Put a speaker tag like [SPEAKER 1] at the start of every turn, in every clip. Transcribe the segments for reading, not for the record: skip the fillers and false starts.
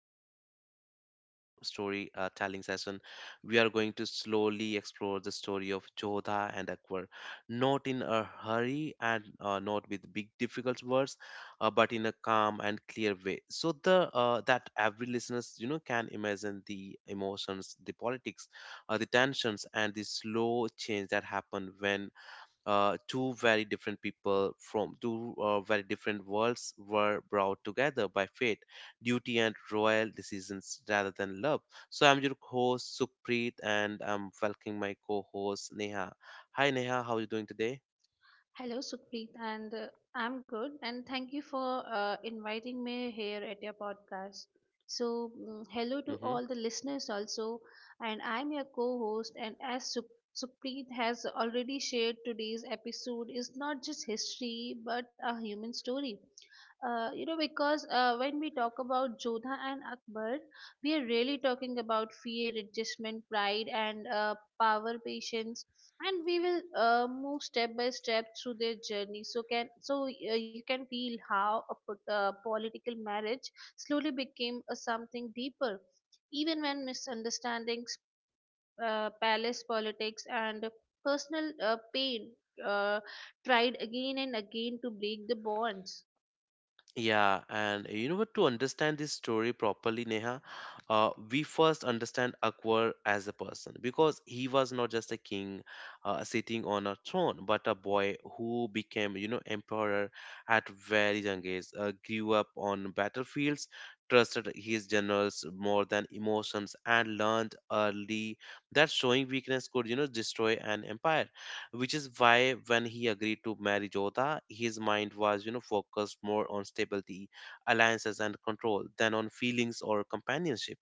[SPEAKER 1] and in this long story telling session, we are going to slowly explore the story of Jodha and Akbar, not in a hurry and not with big, difficult words, but in a calm and clear way, so the that every listeners can imagine the emotions, the politics, the tensions, and the slow change that happen when two very different people from two very different worlds were brought together by fate, duty, and royal decisions rather than love. So I'm your host Supreet, and I'm welcoming my co-host Neha. Hi Neha, how are you doing today?
[SPEAKER 2] Hello, Supreet, and I'm good. And thank you for inviting me here at your podcast. So, hello to
[SPEAKER 1] Mm-hmm.
[SPEAKER 2] all the listeners also. And I'm your co host. And as Supreet has already shared, today's episode is not just history but a human story. Because when we talk about Jodha and Akbar, we are really talking about fear, adjustment, pride, and power, patience, and we will move step by step through their journey so can so you can feel how a political marriage slowly became a something deeper, even when misunderstandings, palace politics, and personal pain uh, tried again and again to break the bonds.
[SPEAKER 1] Yeah, and you know what? To understand this story properly, Neha, we first understand Akbar as a person because he was not just a king sitting on a throne, but a boy who became, you know, emperor at very young age. Grew up on battlefields, trusted his generals more than emotions, and learned early that showing weakness could, you know, destroy an empire which is why when he agreed to marry Jodha, his mind was, you know, focused more on stability, alliances, and control than on feelings or companionship.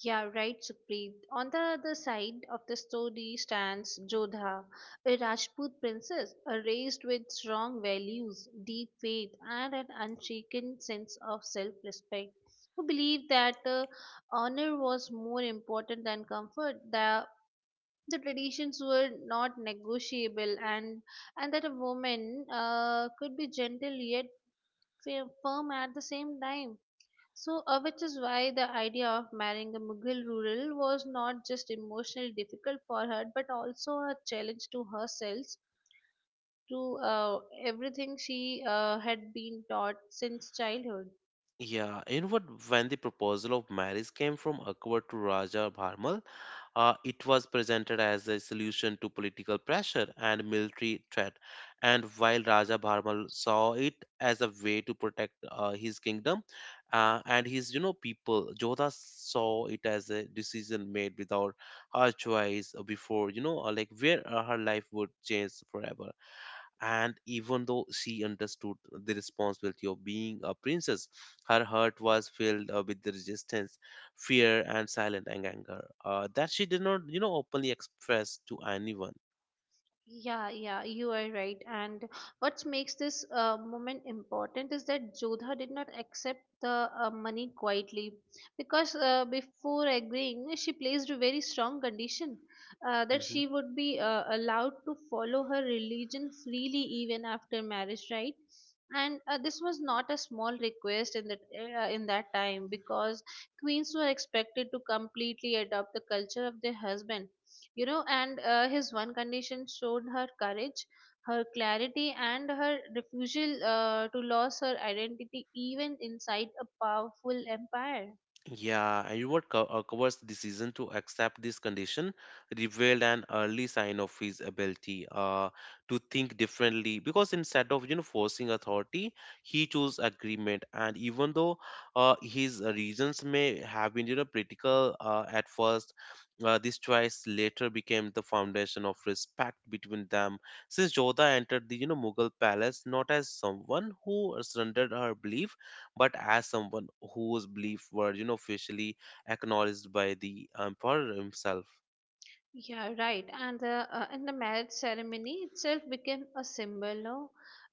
[SPEAKER 2] Yeah, right, Supreet. On the other side of the story stands Jodha, a Rajput princess raised with strong values, deep faith, and an unshaken sense of self respect, who believed that honor was more important than comfort, that the traditions were not negotiable, and that a woman could be gentle yet firm at the same time. So, which is why the idea of marrying a Mughal rural was not just emotionally difficult for her, but also a challenge to herself, to everything she had been taught since childhood.
[SPEAKER 1] Yeah, and what when the proposal of marriage came from Akbar to Raja Bharmal, it was presented as a solution to political pressure and military threat. And while Raja Bharmal saw it as a way to protect his kingdom and his, you know, people, Jodha saw it as a decision made without her choice before, you know, like where her life would change forever. And even though she understood the responsibility of being a princess, her heart was filled with the resistance, fear, and silent anger that she did not, you know, openly express to anyone.
[SPEAKER 2] Yeah, yeah, you are right. And what makes this moment important is that Jodha did not accept the money quietly, because before agreeing, she placed a very strong condition, that
[SPEAKER 1] Mm-hmm.
[SPEAKER 2] she would be allowed to follow her religion freely even after marriage, right? And this was not a small request in that time, because queens were expected to completely adopt the culture of their husband, you know, and his one condition showed her courage, her clarity, and her refusal to lose her identity even inside a powerful empire.
[SPEAKER 1] Yeah, and you what covers the decision to accept this condition, revealed an early sign of his ability to think differently. Because instead of you know forcing authority, he chose agreement. And even though his reasons may have been you know political at first, this choice later became the foundation of respect between them. Since Jodha entered the you know Mughal palace not as someone who surrendered her belief but as someone whose beliefs were, you know, officially acknowledged by the emperor himself.
[SPEAKER 2] Yeah, right. And the marriage ceremony itself became a symbol, no?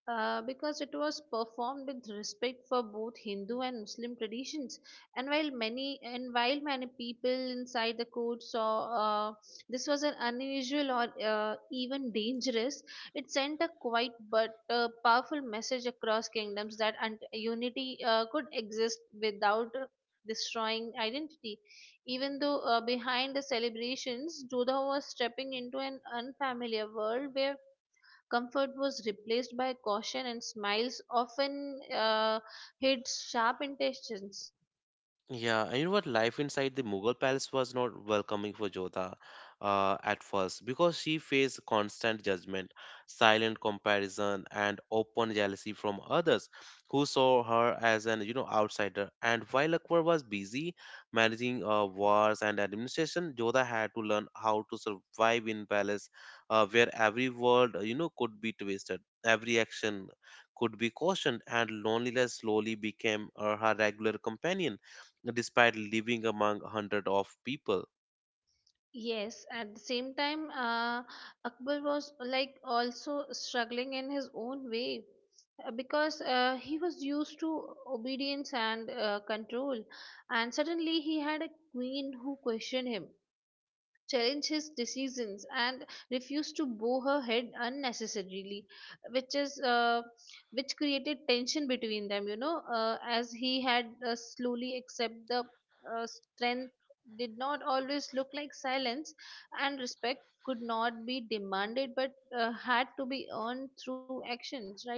[SPEAKER 2] Because it was performed with respect for both Hindu and Muslim traditions. And while many people inside the court saw uh, this was an unusual or even dangerous, it sent a quiet but powerful message across kingdoms that unity could exist without destroying identity, even though behind the celebrations, Jodha was stepping into an unfamiliar world where comfort was replaced by caution, and smiles often hid sharp intentions.
[SPEAKER 1] Yeah, and you know what? Life inside the Mughal palace was not welcoming for Jodha at first because she faced constant judgment, silent comparison, and open jealousy from others who saw her as an you know outsider. And while Akbar was busy managing wars and administration, Jodha had to learn how to survive in palace where every word you know could be twisted, every action could be cautioned, and loneliness slowly became her regular companion despite living among a hundred of people.
[SPEAKER 2] Yes, at the same time, Akbar was like also struggling in his own way, because he was used to obedience and control, and suddenly he had a queen who questioned him, challenge his decisions, and refused to bow her head unnecessarily, which is uh, which created tension between them, you know, as he had slowly accept the strength did not always look like silence, and respect could not be demanded but had to be earned through actions, right?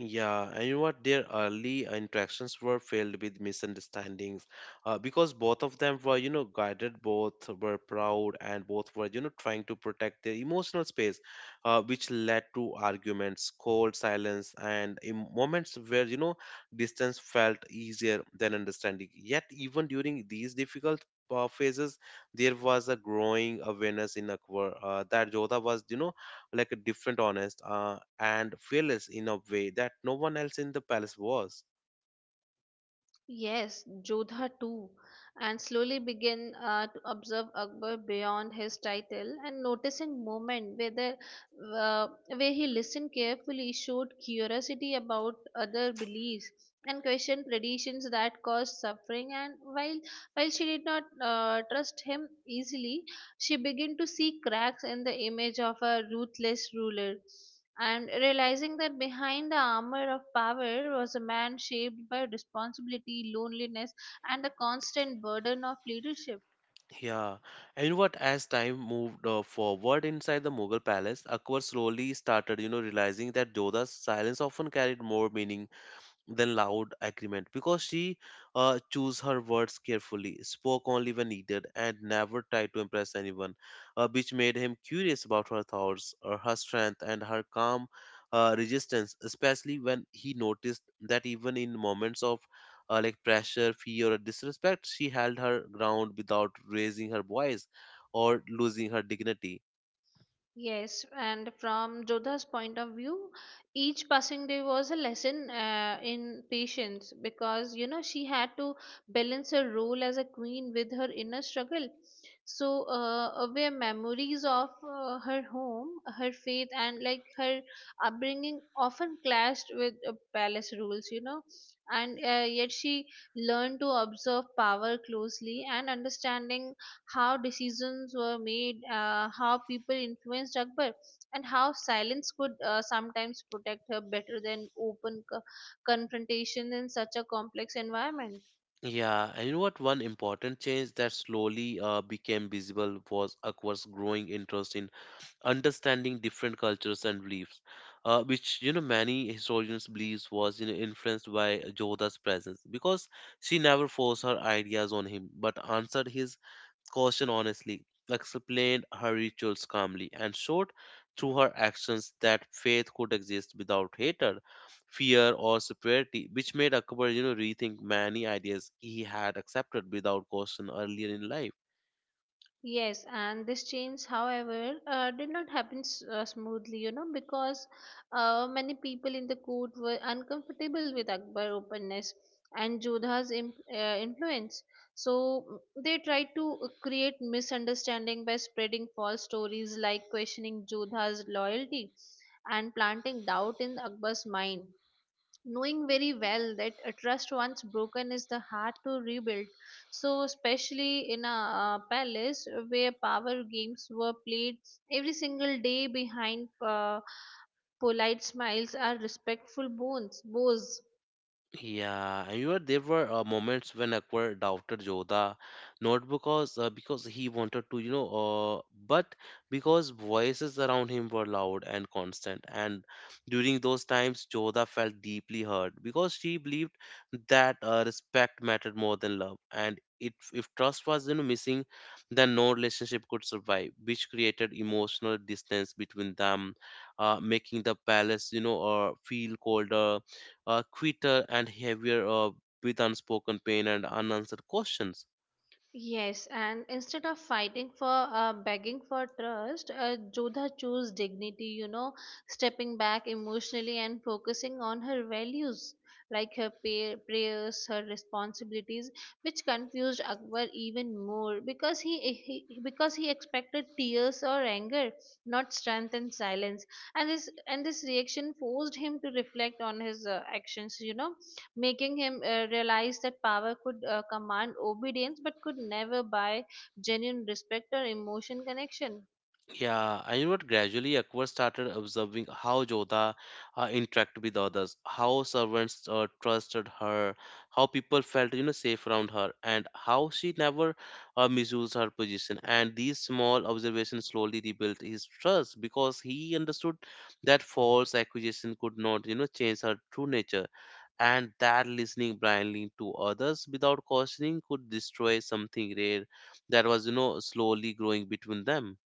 [SPEAKER 1] Yeah, and you know what? Their early interactions were filled with misunderstandings, because both of them were, you know, guided, both were proud, and both were, you know, trying to protect their emotional space, which led to arguments, cold silence, and in moments where, you know, distance felt easier than understanding. Yet, even during these difficult phases, there was a growing awareness in Akbar that Jodha was, you know like a different, honest, and fearless in a way that no one else in the palace was.
[SPEAKER 2] Yes, Jodha too, and slowly began to observe Akbar beyond his title, and noticing moment uh, where he listened carefully, showed curiosity about other beliefs, and questioned traditions that caused suffering. And while she did not trust him easily, she began to see cracks in the image of a ruthless ruler, and realizing that behind the armor of power was a man shaped by responsibility, loneliness, and the constant burden of leadership.
[SPEAKER 1] Yeah, and you know what? As time moved forward inside the Mughal palace, Akbar slowly started, you know, realizing that Jodha's silence often carried more meaning than loud agreement because she chose her words carefully, spoke only when needed, and never tried to impress anyone, which made him curious about her thoughts, her strength, and her calm resistance, especially when he noticed that even in moments of like pressure, fear, or disrespect, she held her ground without raising her voice or losing her dignity.
[SPEAKER 2] Yes, and from Jodha's point of view, each passing day was a lesson in patience, because you know she had to balance her role as a queen with her inner struggle. So, where memories of her home, her faith, and like her upbringing often clashed with palace rules, you know, and yet she learned to observe power closely, and understanding how decisions were made, how people influenced Akbar, and how silence could sometimes protect her better than open confrontation in such a complex environment.
[SPEAKER 1] Yeah, and you know what? One important change that slowly became visible was Aqua's growing interest in understanding different cultures and beliefs which you know many historians believes was you know influenced by Jodha's presence because she never forced her ideas on him but answered his question honestly explained her rituals calmly and showed through her actions that faith could exist without hatred fear or superiority which made akbar you know rethink many ideas he had accepted without question earlier in life.
[SPEAKER 2] Yes, and this change, however, did not happen smoothly, you know, because many people in the court were uncomfortable with Akbar openness and Jodha's influence. So they tried to create misunderstanding by spreading false stories, like questioning Jodha's loyalty and planting doubt in Akbar's mind, knowing very well that a trust once broken is the hard to rebuild. So especially in a palace where power games were played every single day behind polite smiles are respectful bones bows.
[SPEAKER 1] Yeah, you know, there were moments when Akbar doubted Yoda, not because he wanted to, but because voices around him were loud and constant. And during those times, Yoda felt deeply hurt because she believed that respect mattered more than love. And it, if trust was, you know, missing, then no relationship could survive, which created emotional distance between them, making the palace, you know, feel colder quitter and heavier with unspoken pain and unanswered questions.
[SPEAKER 2] Yes, and instead of fighting for begging for trust, Jodha chose dignity, you know, stepping back emotionally and focusing on her values, like her prayers, her responsibilities, which confused Akbar even more because he expected tears or anger, not strength and silence. And this reaction forced him to reflect on his actions, you know, making him realize that power could command obedience but could never buy genuine respect or emotion connection.
[SPEAKER 1] Yeah, I know what gradually Akbar started observing how Jodha interacted with others, how servants trusted her, how people felt you know safe around her, and how she never misused her position. And these small observations slowly rebuilt his trust because he understood that false accusation could not you know change her true nature, and that listening blindly to others without cautioning could destroy something rare that was you know slowly growing between them.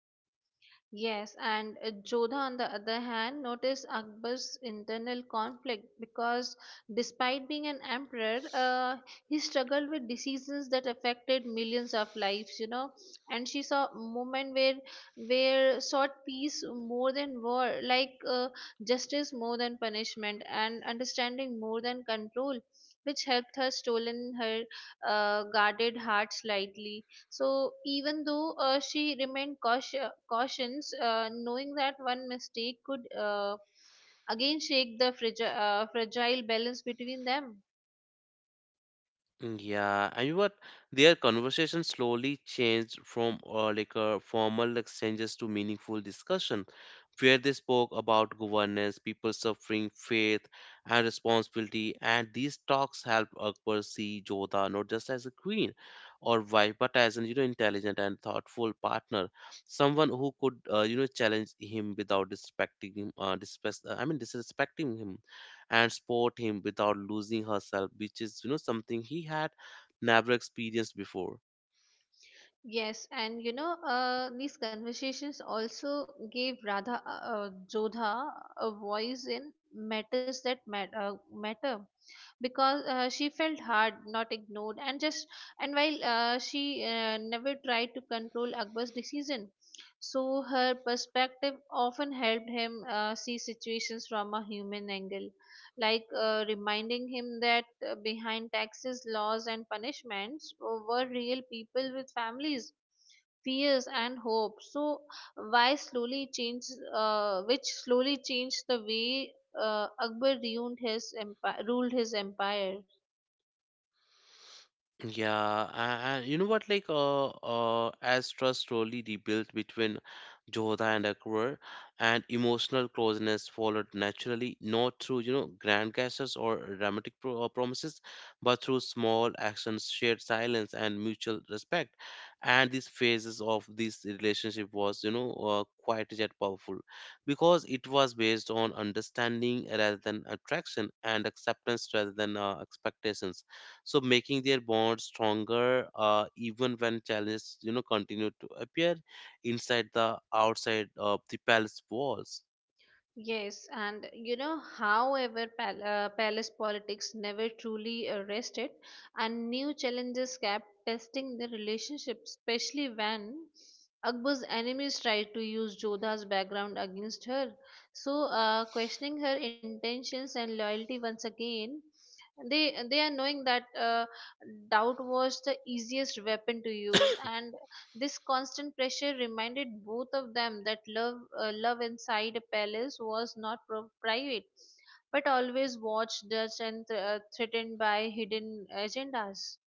[SPEAKER 2] Yes, and Jodha, on the other hand, noticed Akbar's internal conflict, because despite being an emperor, he struggled with diseases that affected millions of lives, you know. And she saw a moment where sought peace more than war, like justice more than punishment, and understanding more than control, which helped her stolen her guarded heart slightly. So even though she remained cautious, knowing that one mistake could again shake the fragile balance between them.
[SPEAKER 1] Yeah, and you what? Their conversation slowly changed from formal exchanges to meaningful discussion, where they spoke about governance, people suffering, faith, and responsibility. And these talks help Akbar see Jodha not just as a queen or wife, but as an you know intelligent and thoughtful partner, someone who could you know challenge him without disrespecting him. Disrespect, I mean disrespecting him and support him without losing herself, which is, you know, something he had never experienced before.
[SPEAKER 2] Yes, and you know, these conversations also gave Radha Jodha a voice in matters that matter, because she felt hard, not ignored, and just, and while she never tried to control Akbar's decision, so her perspective often helped him see situations from a human angle, like reminding him that behind taxes, laws, and punishments were real people with families. Fears and hope. So, why slowly change? Which slowly changed the way Akbar ruined his empire, ruled his empire.
[SPEAKER 1] Yeah, and you know what? As trust slowly rebuilt between Joda and Akbar, and emotional closeness followed naturally, not through you know grand gestures or dramatic promises, but through small actions, shared silence, and mutual respect. And these phases of this relationship was you know quite yet powerful, because it was based on understanding rather than attraction, and acceptance rather than expectations so making their bond stronger even when challenges you know continue to appear inside the outside of the palace walls.
[SPEAKER 2] Yes, and you know, however, palace politics never truly rested, and new challenges kept testing their relationship, especially when Akbar's enemies tried to use Jodha's background against her. So, questioning her intentions and loyalty once again, they are knowing that doubt was the easiest weapon to use, and this constant pressure reminded both of them that love inside a palace was not private, but always watched, judged, and threatened by hidden agendas.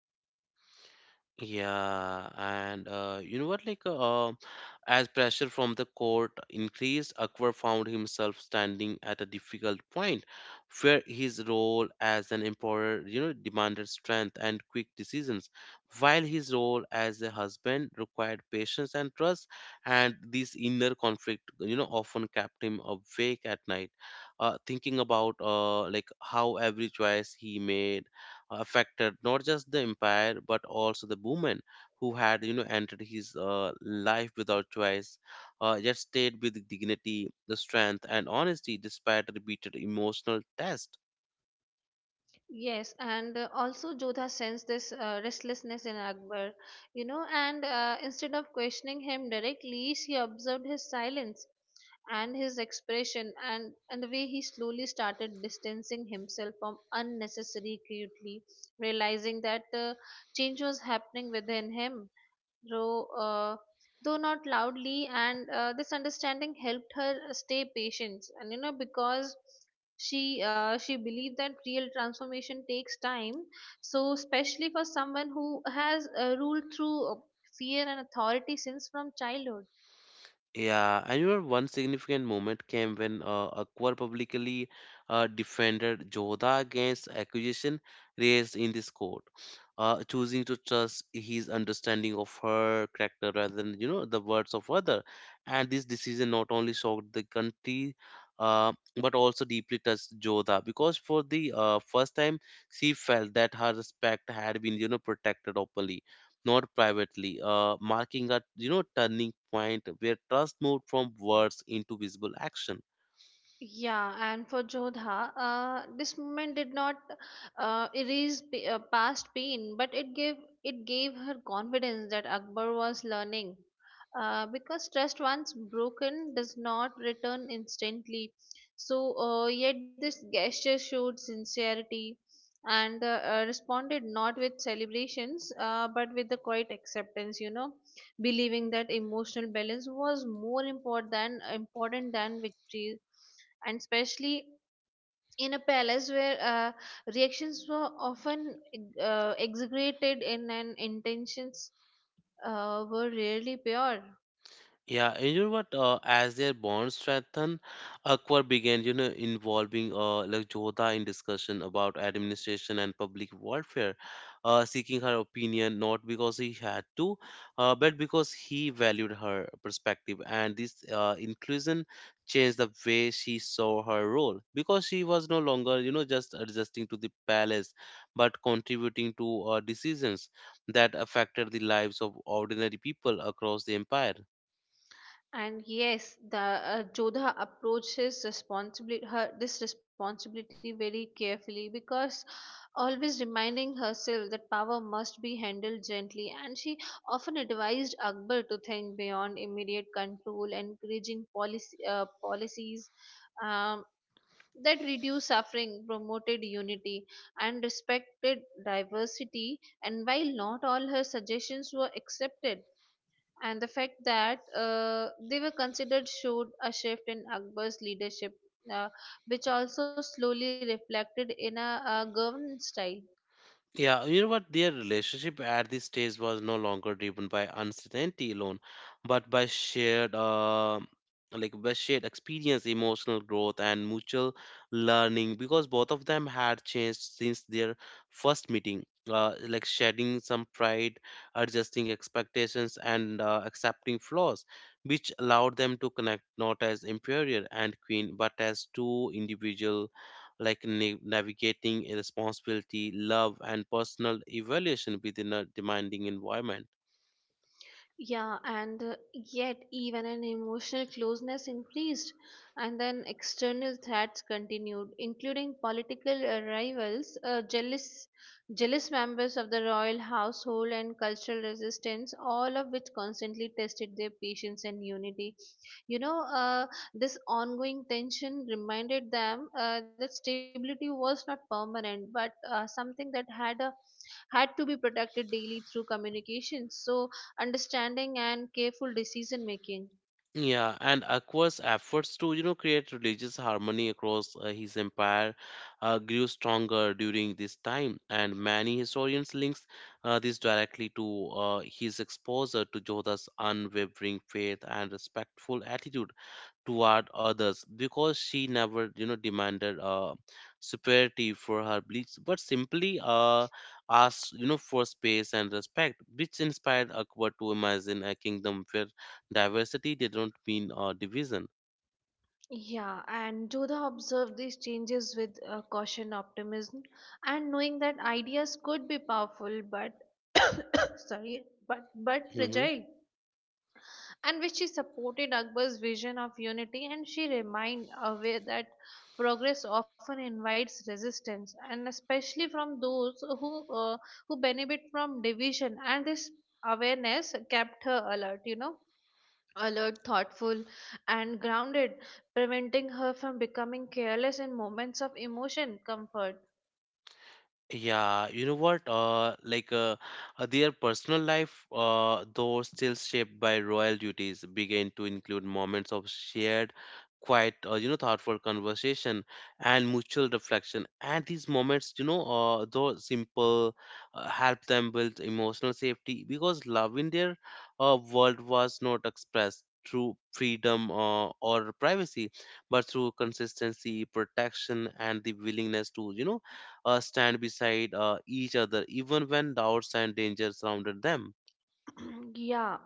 [SPEAKER 1] Yeah, and you know what? As pressure from the court increased, Akbar found himself standing at a difficult point where his role as an emperor, you know, demanded strength and quick decisions, while his role as a husband required patience and trust. And this inner conflict, you know, often kept him awake at night, thinking about like how every choice he made affected not just the empire but also the woman who had you know entered his life without choice yet stayed with dignity the strength and honesty despite repeated emotional tests.
[SPEAKER 2] Yes, and also Jodha sensed this restlessness in Akbar, you know, and instead of questioning him directly, she observed his silence and his expression, and the way he slowly started distancing himself from unnecessary acutely, realizing that change was happening within him, though, uh, though not loudly, and this understanding helped her stay patient. And you know, because she believed that real transformation takes time. So, especially for someone who has ruled through fear and authority since from childhood.
[SPEAKER 1] Yeah, I remember one significant moment came when Akbar publicly defended Jodha against accusation raised in this court, choosing to trust his understanding of her character rather than you know the words of other. And this decision not only shocked the country, uh, but also deeply touched Jodha because for the first time she felt that her respect had been you know protected openly not privately, marking a you know turning point where trust moved from words into visible action.
[SPEAKER 2] Yeah, and for Jodha, this moment did not erase past pain, but it gave her confidence that Akbar was learning. Because trust once broken does not return instantly. So, yet this gesture showed sincerity, and responded not with celebrations, but with the quiet acceptance. You know, believing that emotional balance was more important than victory, and especially in a palace where reactions were often exaggerated in and intentions were rarely pure.
[SPEAKER 1] Yeah, and you know what? As their bonds strengthened, Akbar began, you know, involving like Jodha in discussion about administration and public welfare, seeking her opinion not because he had to, but because he valued her perspective. And this inclusion changed the way she saw her role because she was no longer, you know, just adjusting to the palace, but contributing to decisions that affected the lives of ordinary people across the empire.
[SPEAKER 2] And yes, the Jodha approaches responsibility her this responsibility very carefully, because always reminding herself that power must be handled gently, and she often advised Akbar to think beyond immediate control, encouraging policies um, that reduced suffering, promoted unity, and respected diversity. And while not all her suggestions were accepted, and the fact that they were considered showed a shift in Akbar's leadership, uh, which also slowly reflected in a governance style.
[SPEAKER 1] Yeah, you know what? Their relationship at this stage was no longer driven by uncertainty alone, but by shared, like by shared experience, emotional growth, and mutual learning. Because both of them had changed since their first meeting, like shedding some pride, adjusting expectations, and accepting flaws, which allowed them to connect not as imperial and queen, but as two individual like navigating a responsibility, love, and personal evaluation within a demanding environment.
[SPEAKER 2] Yeah, and yet even an emotional closeness increased, and then external threats continued, including political rivals, jealous members of the royal household, and cultural resistance, all of which constantly tested their patience and unity. You know, this ongoing tension reminded them that stability was not permanent, but something that had to be protected daily through communication, so understanding and careful decision making.
[SPEAKER 1] Yeah, and Akbar's efforts to you know create religious harmony across his empire grew stronger during this time, and many historians links this directly to his exposure to Jodha's unwavering faith and respectful attitude toward others because she never you know demanded superiority for her beliefs but simply asked you know for space and respect which inspired akbar to imagine a kingdom where diversity did not mean division.
[SPEAKER 2] Yeah, and Jodha observed these changes with caution, optimism, and knowing that ideas could be powerful, but sorry, but
[SPEAKER 1] Mhm.
[SPEAKER 2] fragile. And which she supported Akbar's vision of unity, and she remained aware that progress often invites resistance, and especially from those who benefit from division, and this awareness kept her alert, you know, alert, thoughtful, and grounded, preventing her from becoming careless in moments of emotion comfort.
[SPEAKER 1] Yeah, you know what? Their personal life, though still shaped by royal duties, began to include moments of shared, quiet, you know, thoughtful conversation and mutual reflection. And these moments, you know, though simple, help them build emotional safety because love in their world was not expressed through freedom or privacy, but through consistency, protection, and the willingness to, stand beside each other even when doubts and dangers surrounded them.
[SPEAKER 2] Yeah,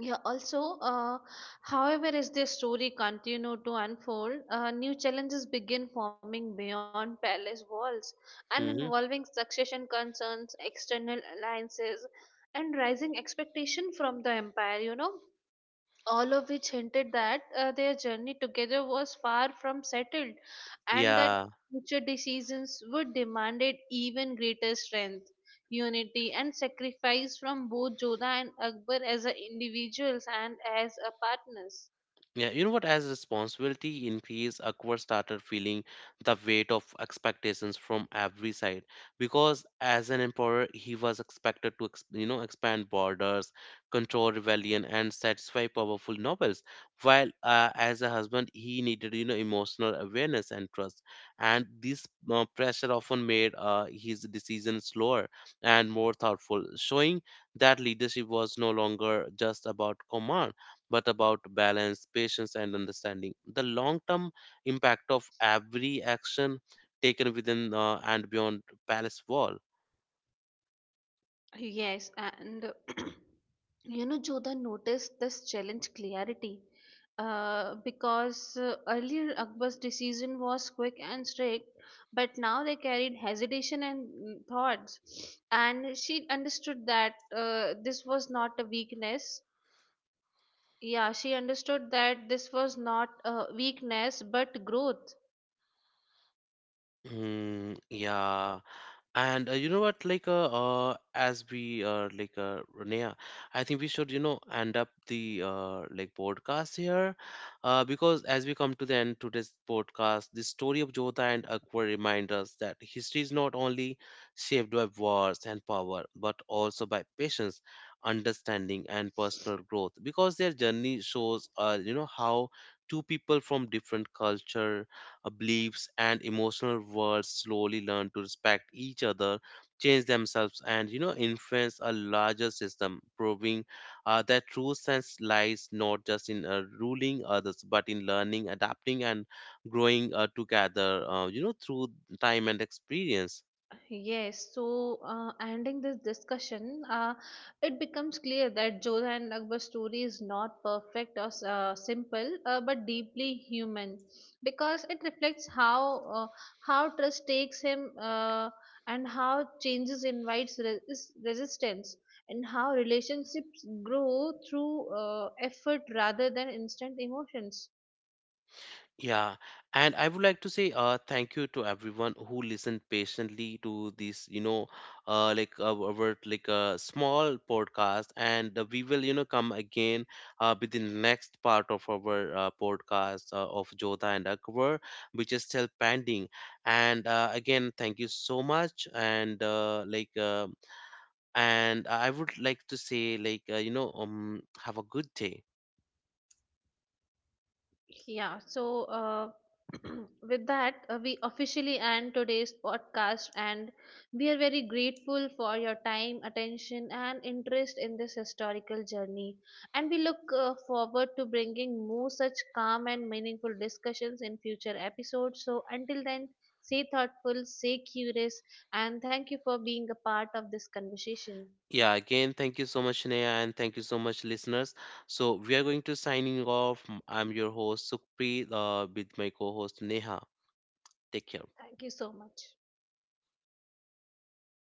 [SPEAKER 2] Yeah, also, however, as their story continued to unfold, new challenges begin forming beyond palace walls, and
[SPEAKER 1] Hmm.
[SPEAKER 2] involving succession concerns, external alliances, and rising expectation from the empire, you know, all of which hinted that their journey together was far from settled, and that
[SPEAKER 1] Yeah.
[SPEAKER 2] future decisions would demand even greater strength, unity, and sacrifice from both Joda and Akbar as a individuals and as a partners.
[SPEAKER 1] Yeah, you know what? As responsibility increased, Akbar started feeling the weight of expectations from every side. Because as an emperor, he was expected to, you know, expand borders, control rebellion, and satisfy powerful nobles. While as a husband, he needed, you know, emotional awareness and trust. And this pressure often made his decisions slower and more thoughtful, showing that leadership was no longer just about command but about balance, patience, and understanding. The long term impact of every action taken within and beyond palace wall.
[SPEAKER 2] Yes, and you know, Jodha noticed this challenge clarity, because earlier Akbar's decision was quick and strict, but now they carried hesitation and thoughts. And she understood that this was not a weakness. Yeah, she understood that this was not a weakness but growth.
[SPEAKER 1] Yeah, and you know what, as we Renea, I think we should, you know, end up the like podcast here, because as we come to the end to this podcast, the story of Jotha and Akbar remind us that history is not only shaped by wars and power, but also by patience, understanding, and personal growth. Because their journey shows, you know, how two people from different culture beliefs, and emotional worlds slowly learn to respect each other, change themselves, and you know, influence a larger system, proving that true sense lies not just in ruling others, but in learning, adapting, and growing together. You know, through time and experience.
[SPEAKER 2] Yes, so ending this discussion, it becomes clear that Jodha and Akbar's story is not perfect or simple, but deeply human, because it reflects how trust takes him and how changes invites resistance, and how relationships grow through effort rather than instant emotions.
[SPEAKER 1] Yeah, and I would like to say thank you to everyone who listened patiently to this, you know, our like a small podcast, and we will, you know, come again with the next part of our podcast of Jodha and Akbar, which is still pending. And again, thank you so much, and and I would like to say, have a good day.
[SPEAKER 2] Yeah, so with that, we officially end today's podcast, and we are very grateful for your time, attention, and interest in this historical journey. And we look forward to bringing more such calm and meaningful discussions in future episodes. So, until then, stay thoughtful, stay curious, and thank you for being a part of this conversation.
[SPEAKER 1] Yeah, again, thank you so much, Sneha, and thank you so much, listeners. So we are going to signing off. I'm your host, Sukhpreet, with my co-host Neha. Take care.
[SPEAKER 2] Thank you so much.